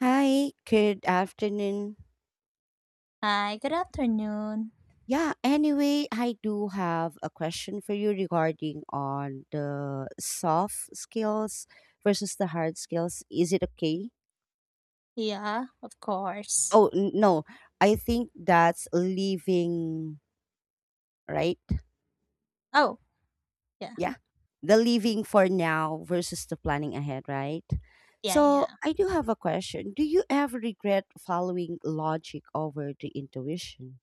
Hi, good afternoon. Hi, good afternoon. Yeah, anyway, I do have a question for you regarding on the soft skills versus the hard skills. Is it okay? Yeah, of course. Oh, no. I think that's leaving, right? Oh, yeah. Yeah. The leaving for now versus the planning ahead, right? Yeah, So, yeah. I do have a question. Do you ever regret following logic over the intuition?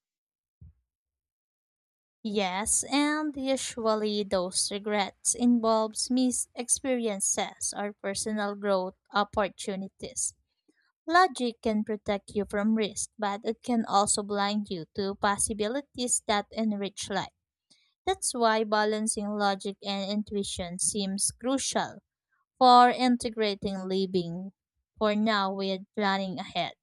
Yes, and usually those regrets involves missed experiences or personal growth opportunities. Logic can protect you from risk, but it can also blind you to possibilities that enrich life. That's why balancing logic and intuition seems crucial for integrating living for now with planning ahead.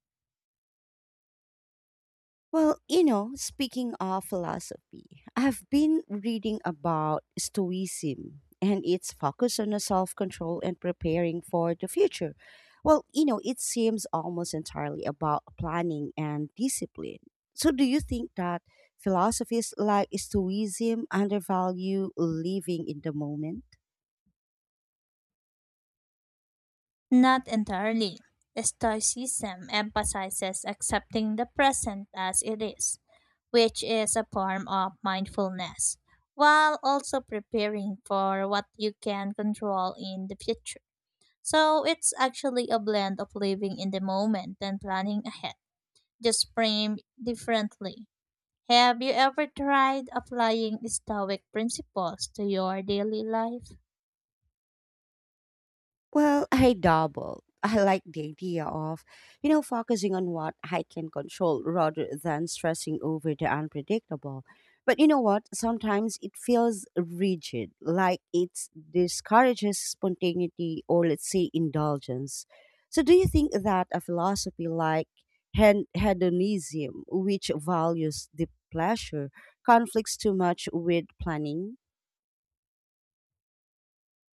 Speaking of philosophy, I've been reading about Stoicism and its focus on self control and preparing for the future. It seems almost entirely about planning and discipline. So, do you think that philosophies like Stoicism undervalue living in the moment? Not entirely. Stoicism emphasizes accepting the present as it is, which is a form of mindfulness, while also preparing for what you can control in the future. So it's actually a blend of living in the moment and planning ahead, just framed differently. Have you ever tried applying Stoic principles to your daily life? Well, I double. I like the idea of, focusing on what I can control rather than stressing over the unpredictable. But you know what? Sometimes it feels rigid, like it discourages spontaneity or, let's say, indulgence. So, do you think that a philosophy like hedonism, which values the pleasure, conflicts too much with planning?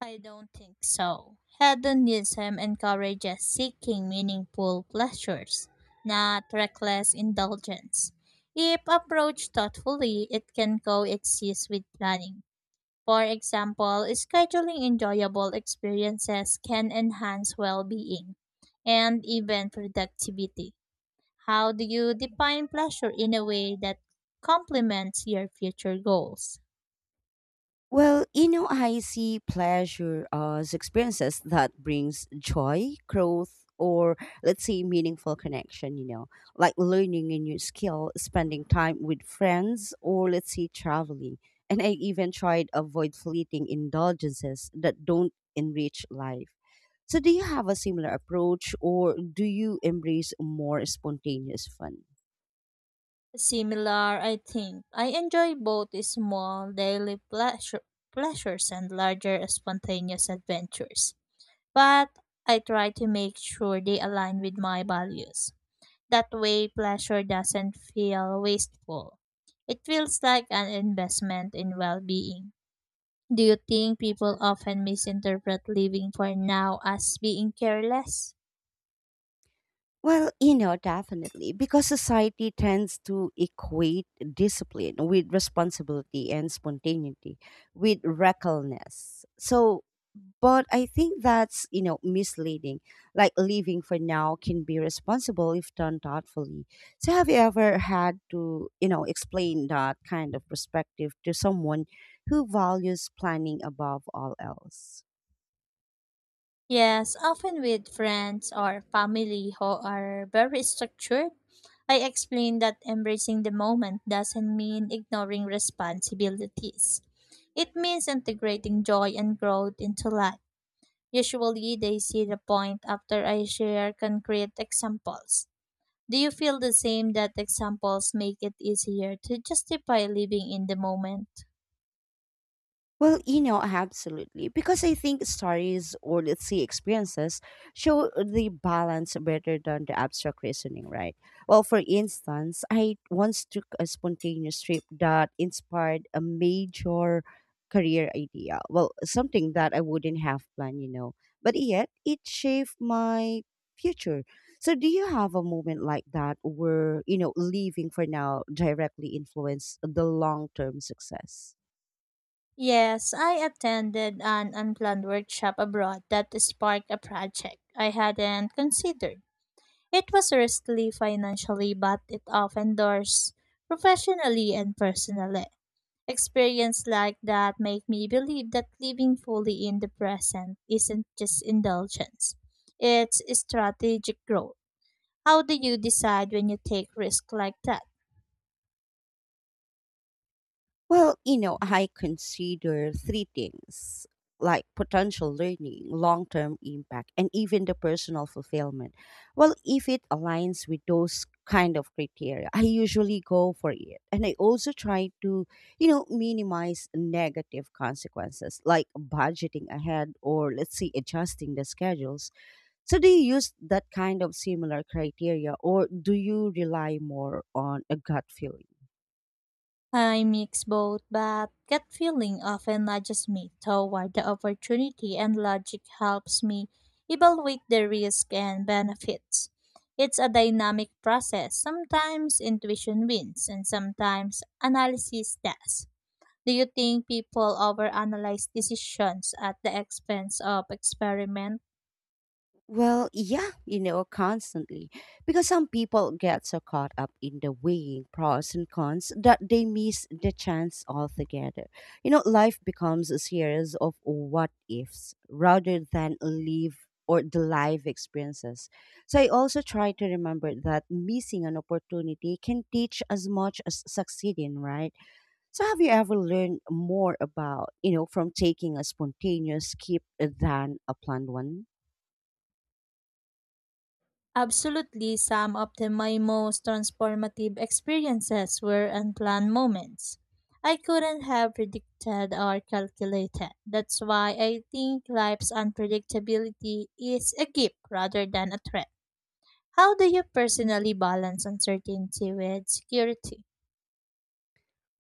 I don't think so. Hedonism encourages seeking meaningful pleasures, not reckless indulgence. If approached thoughtfully, it can coexist with planning. For example, scheduling enjoyable experiences can enhance well being and even productivity. How do you define pleasure in a way that complements your future goals? I see pleasure as experiences that brings joy, growth, or let's say meaningful connection, you know, like learning a new skill, spending time with friends, or let's say traveling. And I even tried avoid fleeting indulgences that don't enrich life. So do you have a similar approach or do you embrace more spontaneous fun? Similar, I think. I enjoy both small daily pleasures and larger spontaneous adventures. But I try to make sure they align with my values. That way, pleasure doesn't feel wasteful. It feels like an investment in well being. Do you think people often misinterpret living for now as being careless? Definitely, because society tends to equate discipline with responsibility and spontaneity with recklessness. So, but I think that's, misleading. Like living for now can be responsible if done thoughtfully. So, have you ever had to, explain that kind of perspective to someone who values planning above all else? Yes, often with friends or family who are very structured. I explain that embracing the moment doesn't mean ignoring responsibilities. It means integrating joy and growth into life. Usually, they see the point after I share concrete examples. Do you feel the same that examples make it easier to justify living in the moment? Absolutely. Because I think stories or let's say experiences show the balance better than the abstract reasoning, right? Well, for instance, I once took a spontaneous trip that inspired a major career idea. Well, something that I wouldn't have planned, you know. But yet it shaped my future. So do you have a moment like that where, leaving for now directly influenced the long term success? Yes, I attended an unplanned workshop abroad that sparked a project I hadn't considered. It was risky financially, but it opened doors professionally and personally. Experience like that make me believe that living fully in the present isn't just indulgence. It's strategic growth. How do you decide when you take risk like that? I consider three things like potential learning, long term impact, and even the personal fulfillment. Well, if it aligns with those kind of criteria, I usually go for it. And I also try to, minimize negative consequences like budgeting ahead or let's say adjusting the schedules. So, do you use that kind of similar criteria or do you rely more on a gut feeling? I mix both, but gut feeling often nudges me toward the opportunity, and logic helps me evaluate the risk and benefits. It's a dynamic process. Sometimes intuition wins, and sometimes analysis does. Do you think people overanalyze decisions at the expense of experiment? Well, yeah, constantly. Because some people get so caught up in the weighing pros and cons that they miss the chance altogether. You know, life becomes a series of what ifs rather than live or the live experiences. So I also try to remember that missing an opportunity can teach as much as succeeding, right? So have you ever learned more about, from taking a spontaneous skip than a planned one? Absolutely, my most transformative experiences were unplanned moments. I couldn't have predicted or calculated. That's why I think life's unpredictability is a gift rather than a threat. How do you personally balance uncertainty with security?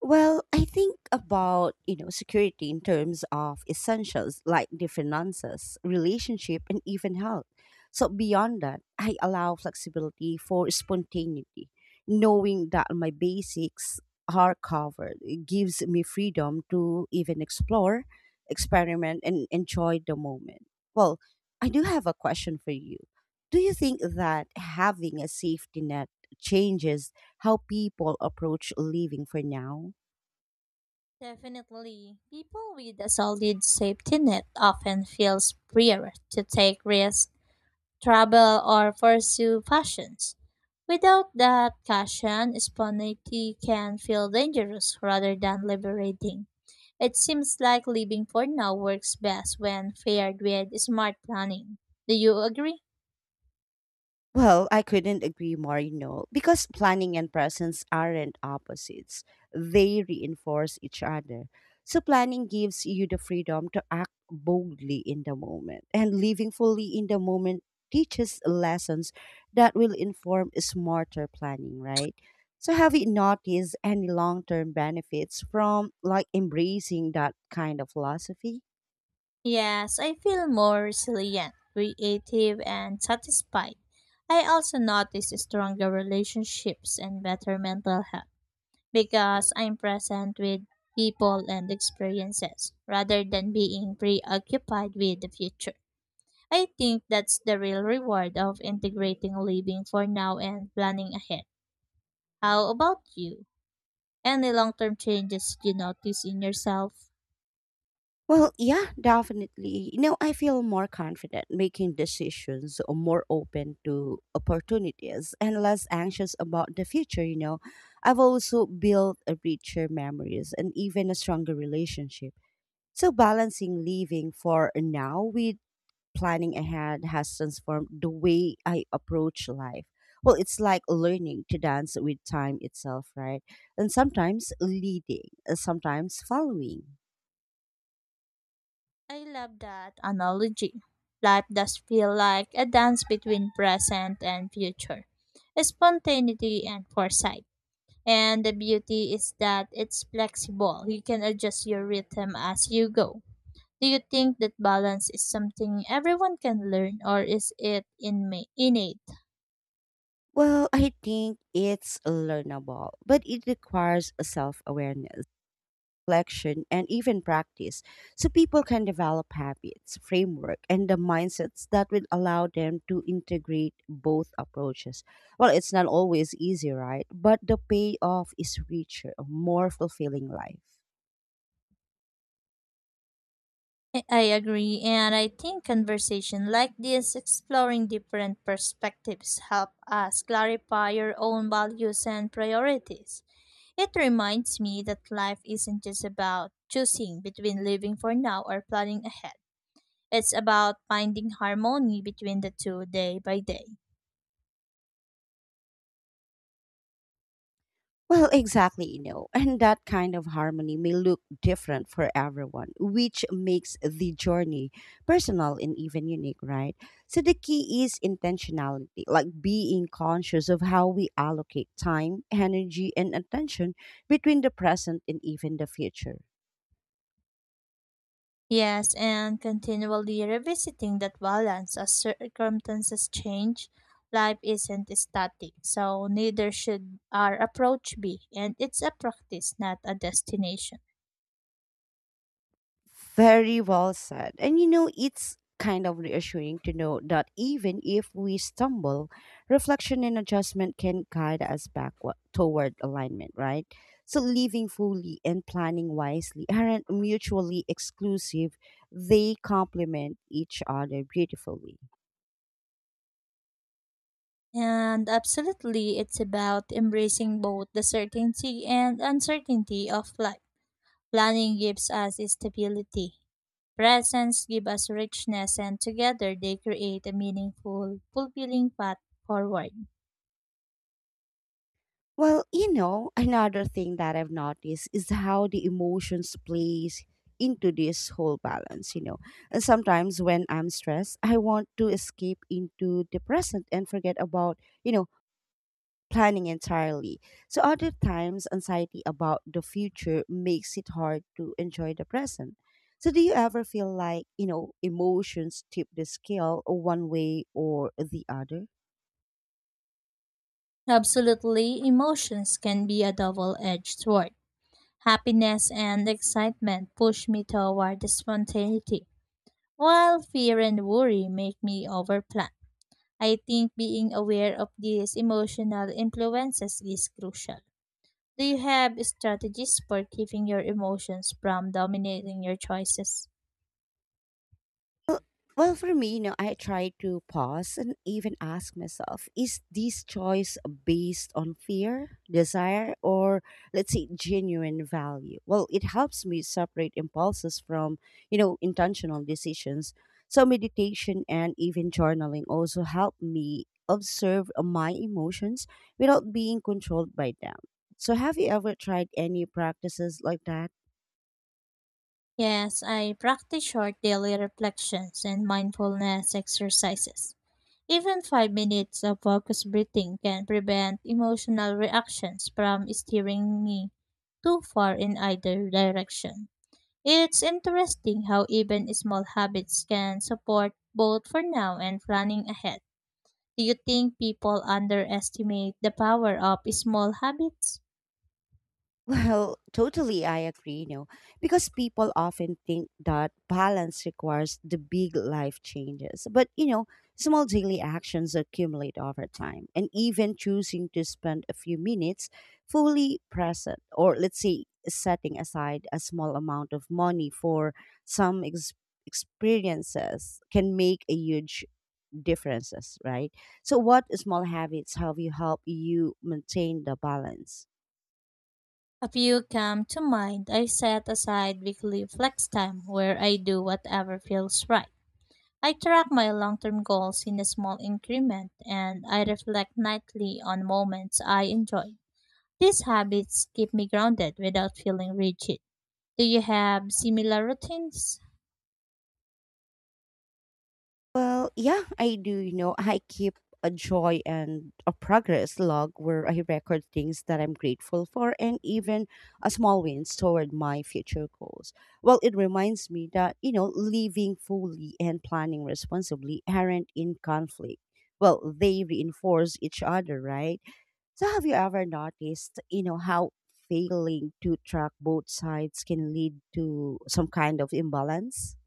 Well, I think about, security in terms of essentials like the finances, relationship, and even health. So beyond that, I allow flexibility for spontaneity. Knowing that my basics are covered it gives me freedom to even explore, experiment, and enjoy the moment. Well, I do have a question for you. Do you think that having a safety net changes how people approach living for now? Definitely, people with a solid safety net often feel freer to take risks travel, or pursue passions. Without that caution, spontaneity can feel dangerous rather than liberating. It seems like living for now works best when paired with smart planning. Do you agree? Well, I couldn't agree more, because planning and presence aren't opposites. They reinforce each other. So, planning gives you the freedom to act boldly in the moment, and living fully in the moment teaches lessons that will inform smarter planning, right? So, have you noticed any long term benefits from like embracing that kind of philosophy? Yes, I feel more resilient, creative, and satisfied. I also notice stronger relationships and better mental health, because I'm present with people and experiences rather than being preoccupied with the future. I think that's the real reward of integrating living for now and planning ahead. How about you? Any long term changes you notice in yourself? Well, yeah, definitely. You know, I feel more confident making decisions or more open to opportunities and less anxious about the future, you know. I've also built a richer memories and even a stronger relationship. So balancing living for now with planning ahead has transformed the way I approach life. Well, it's like learning to dance with time itself, right? And sometimes leading, and sometimes following. I love that analogy. Life does feel like a dance between present and future, spontaneity and foresight. And the beauty is that it's flexible. You can adjust your rhythm as you go. Do you think that balance is something everyone can learn or is it innate? Well, I think it's learnable, but it requires a self awareness, reflection, and even practice so people can develop habits, framework, and the mindsets that will allow them to integrate both approaches. Well, it's not always easy, right? But the payoff is richer, a more fulfilling life. I agree, and I think conversation like this, exploring different perspectives, help us clarify your own values and priorities. It reminds me that life isn't just about choosing between living for now or planning ahead. It's about finding harmony between the two, day by day. Well, exactly, and that kind of harmony may look different for everyone, which makes the journey personal and even unique, right? So the key is intentionality, like being conscious of how we allocate time, energy, and attention between the present and even the future. Yes, and continually revisiting that balance as circumstances change. Life isn't static, so neither should our approach be, and it's a practice, not a destination. Very well said. And you know, it's kind of reassuring to know that even if we stumble, reflection and adjustment can guide us back toward alignment, right? So, living fully and planning wisely aren't mutually exclusive, they complement each other beautifully. And absolutely, it's about embracing both the certainty and uncertainty of life. Planning gives us stability, presents give us richness, and together they create a meaningful, fulfilling path forward. Another thing that I've noticed is how the emotions plays into this whole balance, you know. And sometimes when I'm stressed, I want to escape into the present and forget about, planning entirely. So other times anxiety about the future makes it hard to enjoy the present. So do you ever feel like, emotions tip the scale one way or the other? Absolutely, emotions can be a double edged sword. Happiness and excitement push me toward the spontaneity, while fear and worry make me overplan. I think being aware of these emotional influences is crucial. Do you have strategies for keeping your emotions from dominating your choices? Well, for me, I try to pause and even ask myself, is this choice based on fear, desire, or let's say genuine value? Well, it helps me separate impulses from, intentional decisions. So meditation and even journaling also help me observe my emotions without being controlled by them. So have you ever tried any practices like that? Yes, I practice short daily reflections and mindfulness exercises. Even 5 minutes of focused breathing can prevent emotional reactions from steering me too far in either direction. It's interesting how even small habits can support both for now and planning ahead. Do you think people underestimate the power of small habits? Well, totally, I agree, because people often think that balance requires the big life changes. But, you know, small daily actions accumulate over time. And even choosing to spend a few minutes fully present, or let's say setting aside a small amount of money for some experiences, can make a huge differences, right? So, what small habits have you helped you maintain the balance? A few come to mind. I set aside weekly flex time where I do whatever feels right. I track my long term goals in a small increment and I reflect nightly on moments I enjoy. These habits keep me grounded without feeling rigid. Do you have similar routines? Well, yeah, I do. You know, I keep a joy and a progress log where I record things that I'm grateful for and even a small wins toward my future goals. Well, it reminds me that, living fully and planning responsibly aren't in conflict. Well, they reinforce each other, right? So, have you ever noticed, how failing to track both sides can lead to some kind of imbalance?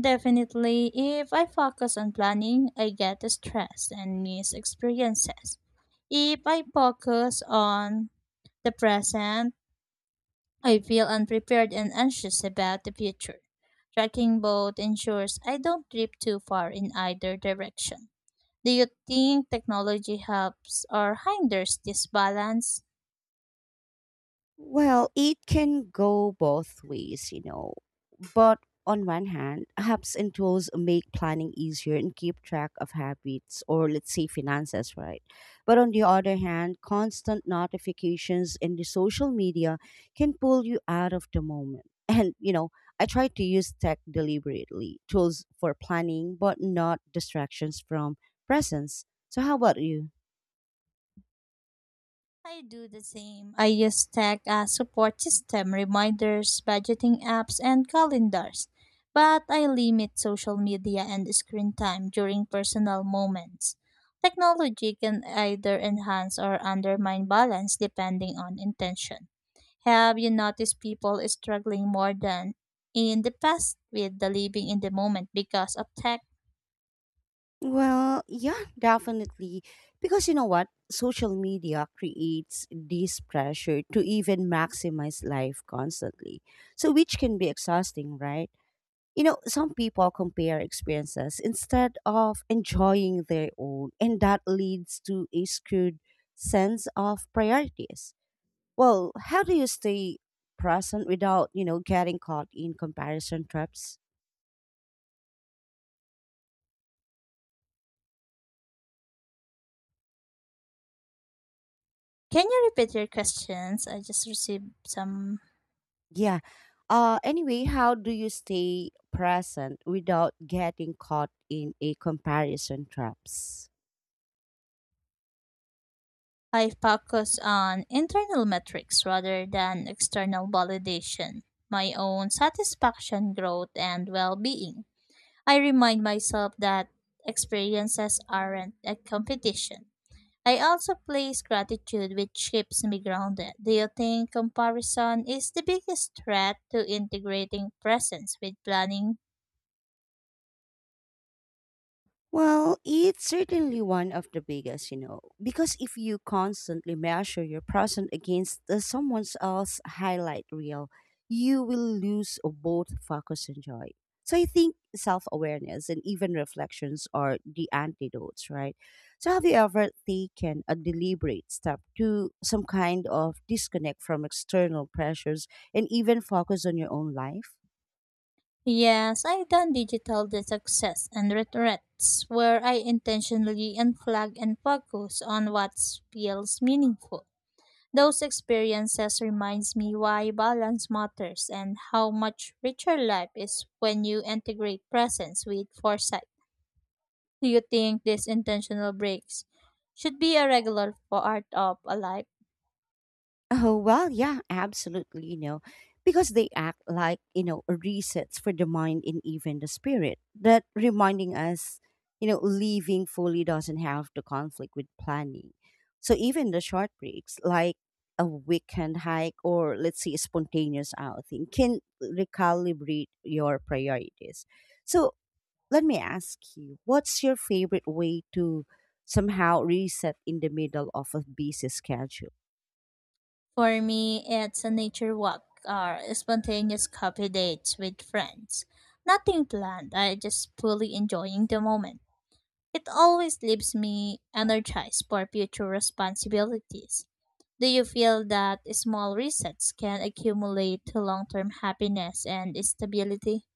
Definitely, if I focus on planning, I get stressed and miss experiences. If I focus on the present, I feel unprepared and anxious about the future. Tracking both ensures I don't drift too far in either direction. Do you think technology helps or hinders this balance? Well, it can go both ways, you know. But on one hand, apps and tools make planning easier and keep track of habits or, let's say, finances, right? But on the other hand, constant notifications in the social media can pull you out of the moment. And, I try to use tech deliberately, tools for planning, but not distractions from presence. So, how about you? I do the same. I use tech as support system, reminders, budgeting apps, and calendars. But I limit social media and screen time during personal moments. Technology can either enhance or undermine balance depending on intention. Have you noticed people struggling more than in the past with the living in the moment because of tech? Well, yeah, definitely. Because you know what? Social media creates this pressure to even maximize life constantly. So, which can be exhausting, right? You know, some people compare experiences instead of enjoying their own, and that leads to a skewed sense of priorities. Well, how do you stay present without, getting caught in comparison traps? Can you repeat your questions? I just received some. Yeah. Anyway, how do you stay present without getting caught in a comparison traps? I focus on internal metrics rather than external validation, my own satisfaction, growth, and well being. I remind myself that experiences aren't a competition. I also place gratitude, which keeps me grounded. Do you think comparison is the biggest threat to integrating presence with planning? Well, it's certainly one of the biggest, because if you constantly measure your present against the someone else's highlight reel, you will lose both focus and joy. So I think self awareness and even reflections are the antidotes, right? So have you ever taken a deliberate step to some kind of disconnect from external pressures and even focus on your own life? Yes, I've done digital the success and regrets, where I intentionally unplug and focus on what feels meaningful. Those experiences reminds me why balance matters and how much richer life is when you integrate presence with foresight. Do you think these intentional breaks should be a regular part of a life? Oh, well, yeah, absolutely, because they act like, resets for the mind and even the spirit, that reminding us, leaving fully doesn't have to conflict with planning. So even the short breaks, like a weekend hike or let's say a spontaneous outing, can recalibrate your priorities. So let me ask you, what's your favorite way to somehow reset in the middle of a busy schedule? For me, it's a nature walk or spontaneous coffee dates with friends. Nothing planned, I just fully enjoying the moment. It always leaves me energized for future responsibilities. Do you feel that small resets can accumulate to long term happiness and stability?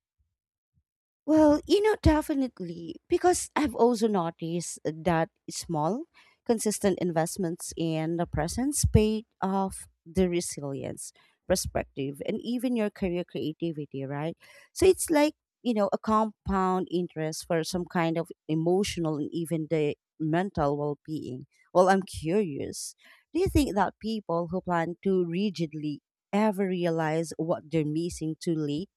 Definitely, because I've also noticed that small, consistent investments in the presence pay off the resilience perspective and even your career creativity, right? So it's like, a compound interest for some kind of emotional and even the mental well being. Well, I'm curious, do you think that people who plan too rigidly ever realize what they're missing too late?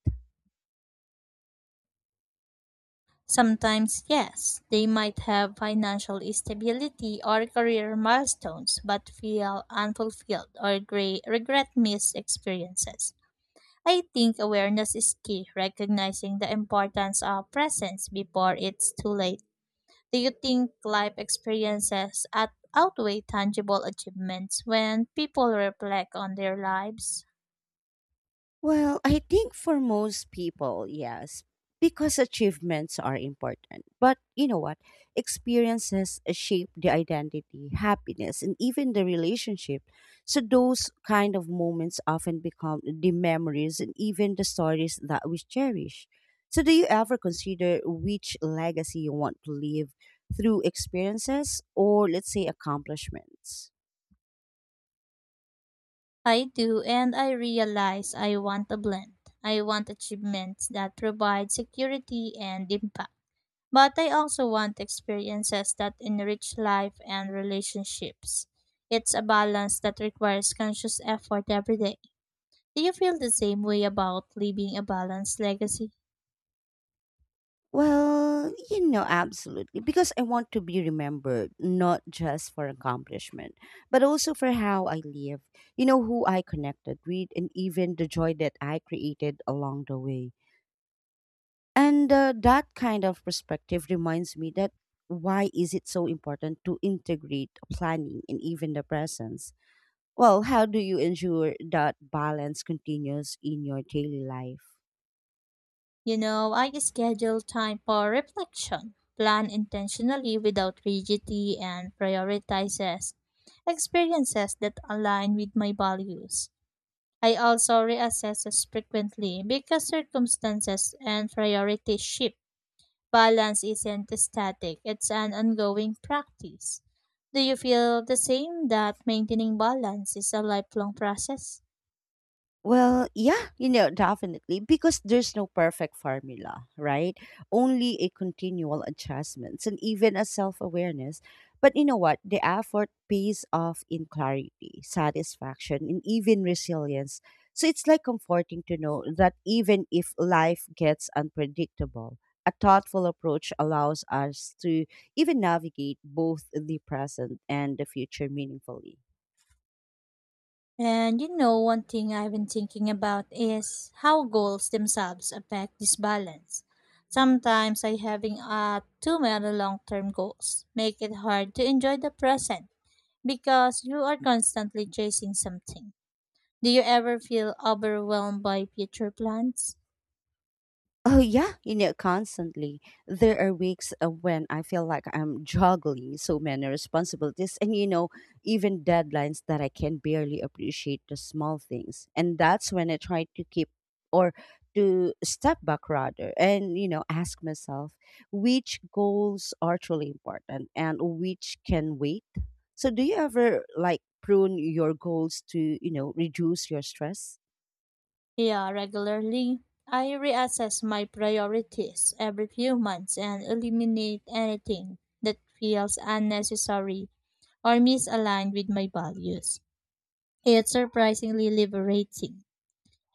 Sometimes, yes, they might have financial stability or career milestones, but feel unfulfilled or regret missed experiences. I think awareness is key, recognizing the importance of presence before it's too late. Do you think life experiences outweigh tangible achievements when people reflect on their lives? Well, I think for most people, yes, because achievements are important. But you know what? Experiences shape the identity, happiness, and even the relationship. So those kind of moments often become the memories and even the stories that we cherish. So do you ever consider which legacy you want to leave through experiences or let's say accomplishments? I do, and I realize I want a blend. I want achievements that provide security and impact. But I also want experiences that enrich life and relationships. It's a balance that requires conscious effort every day. Do you feel the same way about leaving a balanced legacy? Absolutely. Because I want to be remembered, not just for accomplishment, but also for how I live, you know, who I connected with, and even the joy that I created along the way. And that kind of perspective reminds me that why is it so important to integrate planning and even the presence? Well, how do you ensure that balance continues in your daily life? You know, I schedule time for reflection, plan intentionally without rigidity, and prioritizes experiences that align with my values. I also reassess frequently because circumstances and priorities shift. Balance isn't static, it's an ongoing practice. Do you feel the same that maintaining balance is a lifelong process? Well, yeah, you know, definitely because there's no perfect formula, right? Only a continual adjustments and even a self-awareness. But you know what? The effort pays off in clarity, satisfaction, and even resilience. So it's like comforting to know that even if life gets unpredictable, a thoughtful approach allows us to even navigate both the present and the future meaningfully. And you know, one thing I've been thinking about is how goals themselves affect this balance. Sometimes I having too many long-term goals make it hard to enjoy the present because you are constantly chasing something. Do you ever feel overwhelmed by future plans? Oh yeah, you know, constantly. There are weeks when I feel like I'm juggling so many responsibilities and you know, even deadlines that I can barely appreciate the small things. And that's when I try to keep or to step back rather and you know, ask myself which goals are truly important and which can wait. So do you ever like prune your goals to, you know, reduce your stress? Yeah, regularly. I reassess my priorities every few months and eliminate anything that feels unnecessary or misaligned with my values. It's surprisingly liberating.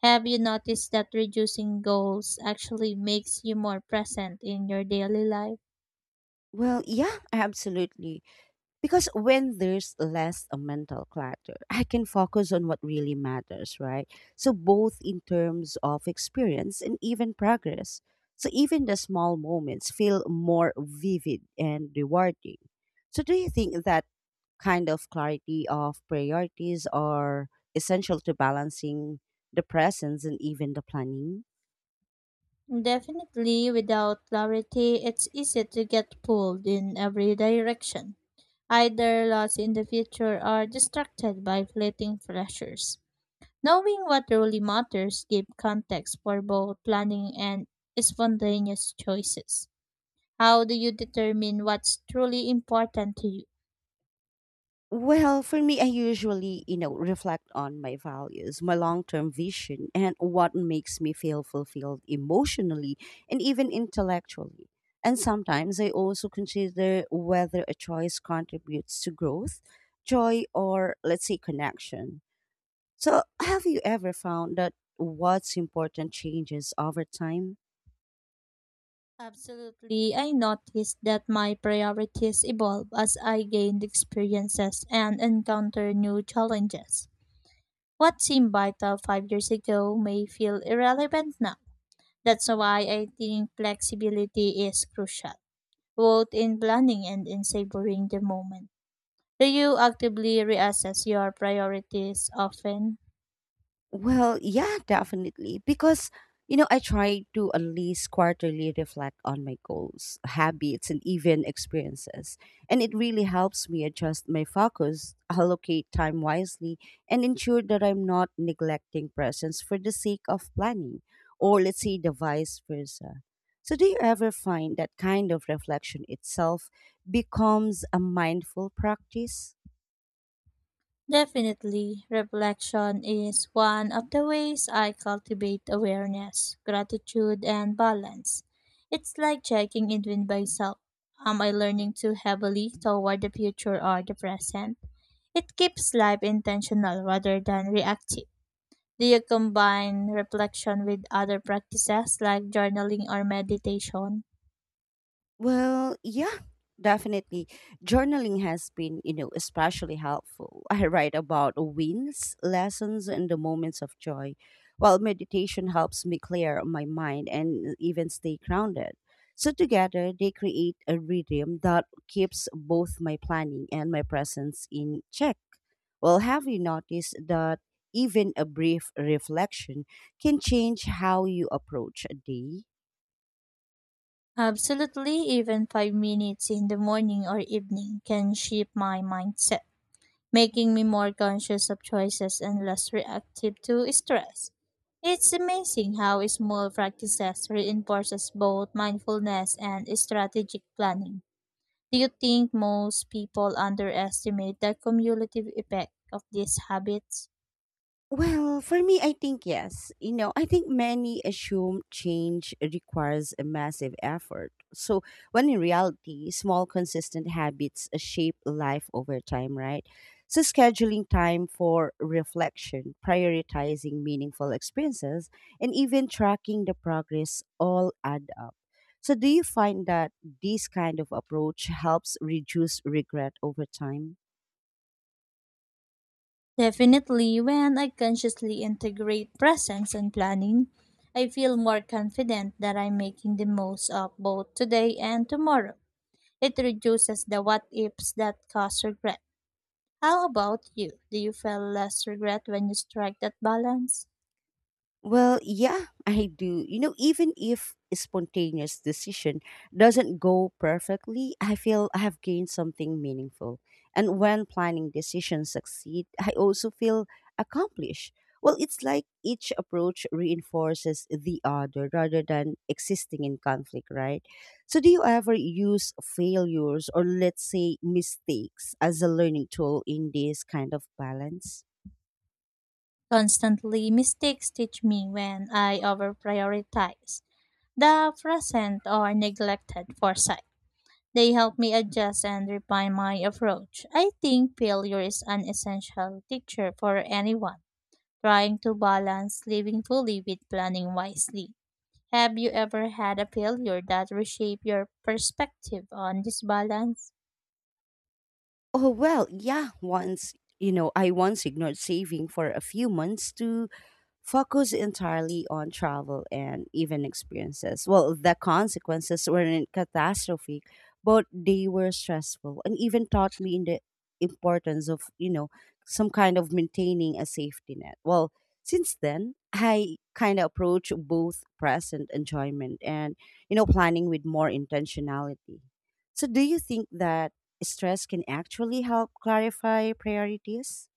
Have you noticed that reducing goals actually makes you more present in your daily life? Well, yeah, absolutely. Because when there's less a mental clutter, I can focus on what really matters, right? So both in terms of experience and even progress. So even the small moments feel more vivid and rewarding. So do you think that kind of clarity of priorities are essential to balancing the presence and even the planning? Definitely, without clarity, it's easy to get pulled in every direction, either lost in the future or distracted by fleeting pleasures. Knowing what really matters gives context for both planning and spontaneous choices. How do you determine what's truly important to you? Well, for me, I usually, you know, reflect on my values, my long term vision, and what makes me feel fulfilled emotionally and even intellectually. And sometimes I also consider whether a choice contributes to growth, joy, or let's say connection. So, have you ever found that what's important changes over time? Absolutely, I noticed that my priorities evolve as I gained experiences and encounter new challenges. What seemed vital 5 years ago may feel irrelevant now. That's why I think flexibility is crucial, both in planning and in savoring the moment. Do you actively reassess your priorities often? Well, yeah, definitely. Because, you know, I try to at least quarterly reflect on my goals, habits, and even experiences. And it really helps me adjust my focus, allocate time wisely, and ensure that I'm not neglecting presence for the sake of planning, or let's say the vice versa. So, do you ever find that kind of reflection itself becomes a mindful practice? Definitely, reflection is one of the ways I cultivate awareness, gratitude, and balance. It's like checking in with myself. Am I learning too heavily toward the future or the present? It keeps life intentional rather than reactive. Do you combine reflection with other practices like journaling or meditation? Well, yeah, definitely. Journaling has been, you know, especially helpful. I write about wins, lessons, and the moments of joy, while meditation helps me clear my mind and even stay grounded. So, together, they create a rhythm that keeps both my planning and my presence in check. Well, have you noticed that even a brief reflection can change how you approach a day? Absolutely, even 5 minutes in the morning or evening can shape my mindset, making me more conscious of choices and less reactive to stress. It's amazing how small practices reinforces both mindfulness and strategic planning. Do you think most people underestimate the cumulative effect of these habits? Well, for me, I think yes. You know, I think many assume change requires a massive effort. So, when in reality, small, consistent habits shape life over time, right? So, scheduling time for reflection, prioritizing meaningful experiences, and even tracking the progress all add up. So, do you find that this kind of approach helps reduce regret over time? Definitely, when I consciously integrate presence and planning, I feel more confident that I'm making the most of both today and tomorrow. It reduces the what ifs that cause regret. How about you? Do you feel less regret when you strike that balance? Well, yeah, I do. You know, even if a spontaneous decision doesn't go perfectly, I feel I have gained something meaningful. And when planning decisions succeed, I also feel accomplished. Well, it's like each approach reinforces the other rather than existing in conflict, right? So, do you ever use failures or, let's say, mistakes as a learning tool in this kind of balance? Constantly, mistakes teach me when I overprioritize the present or neglected foresight. They help me adjust and refine my approach. I think failure is an essential teacher for anyone trying to balance living fully with planning wisely. Have you ever had a failure that reshaped your perspective on this balance? Oh, well, yeah, once, you know, I once ignored saving for a few months to focused entirely on travel and even experiences. Well, the consequences weren't catastrophic, but they were stressful and even taught me in the importance of, you know, some kind of maintaining a safety net. Well, since then, I kind of approach both present enjoyment and, you know, planning with more intentionality. So, do you think that stress can actually help clarify priorities?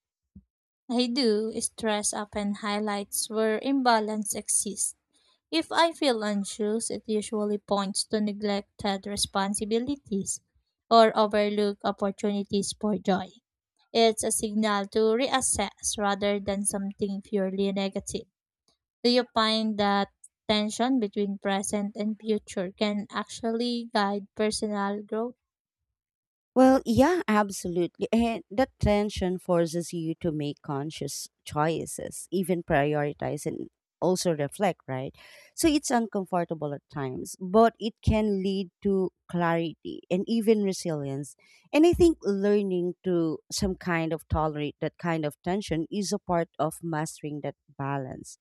I do. Stress often highlights where imbalance exists. If I feel anxious, it usually points to neglected responsibilities or overlooked opportunities for joy. It's a signal to reassess rather than something purely negative. Do you find that tension between present and future can actually guide personal growth? Well, yeah, absolutely. And that tension forces you to make conscious choices, even prioritize and also reflect, right? So it's uncomfortable at times, but it can lead to clarity and even resilience. And I think learning to some kind of tolerate that kind of tension is a part of mastering that balance.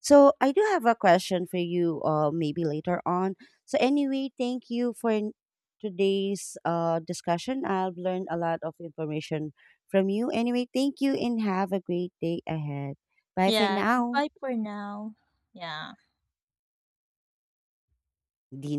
So I do have a question for you maybe later on. So anyway, thank you for today's discussion. I've learned a lot of information from you. Anyway, thank you and have a great day ahead. Bye for Yeah, now. goodbye for now. Yeah. Dina.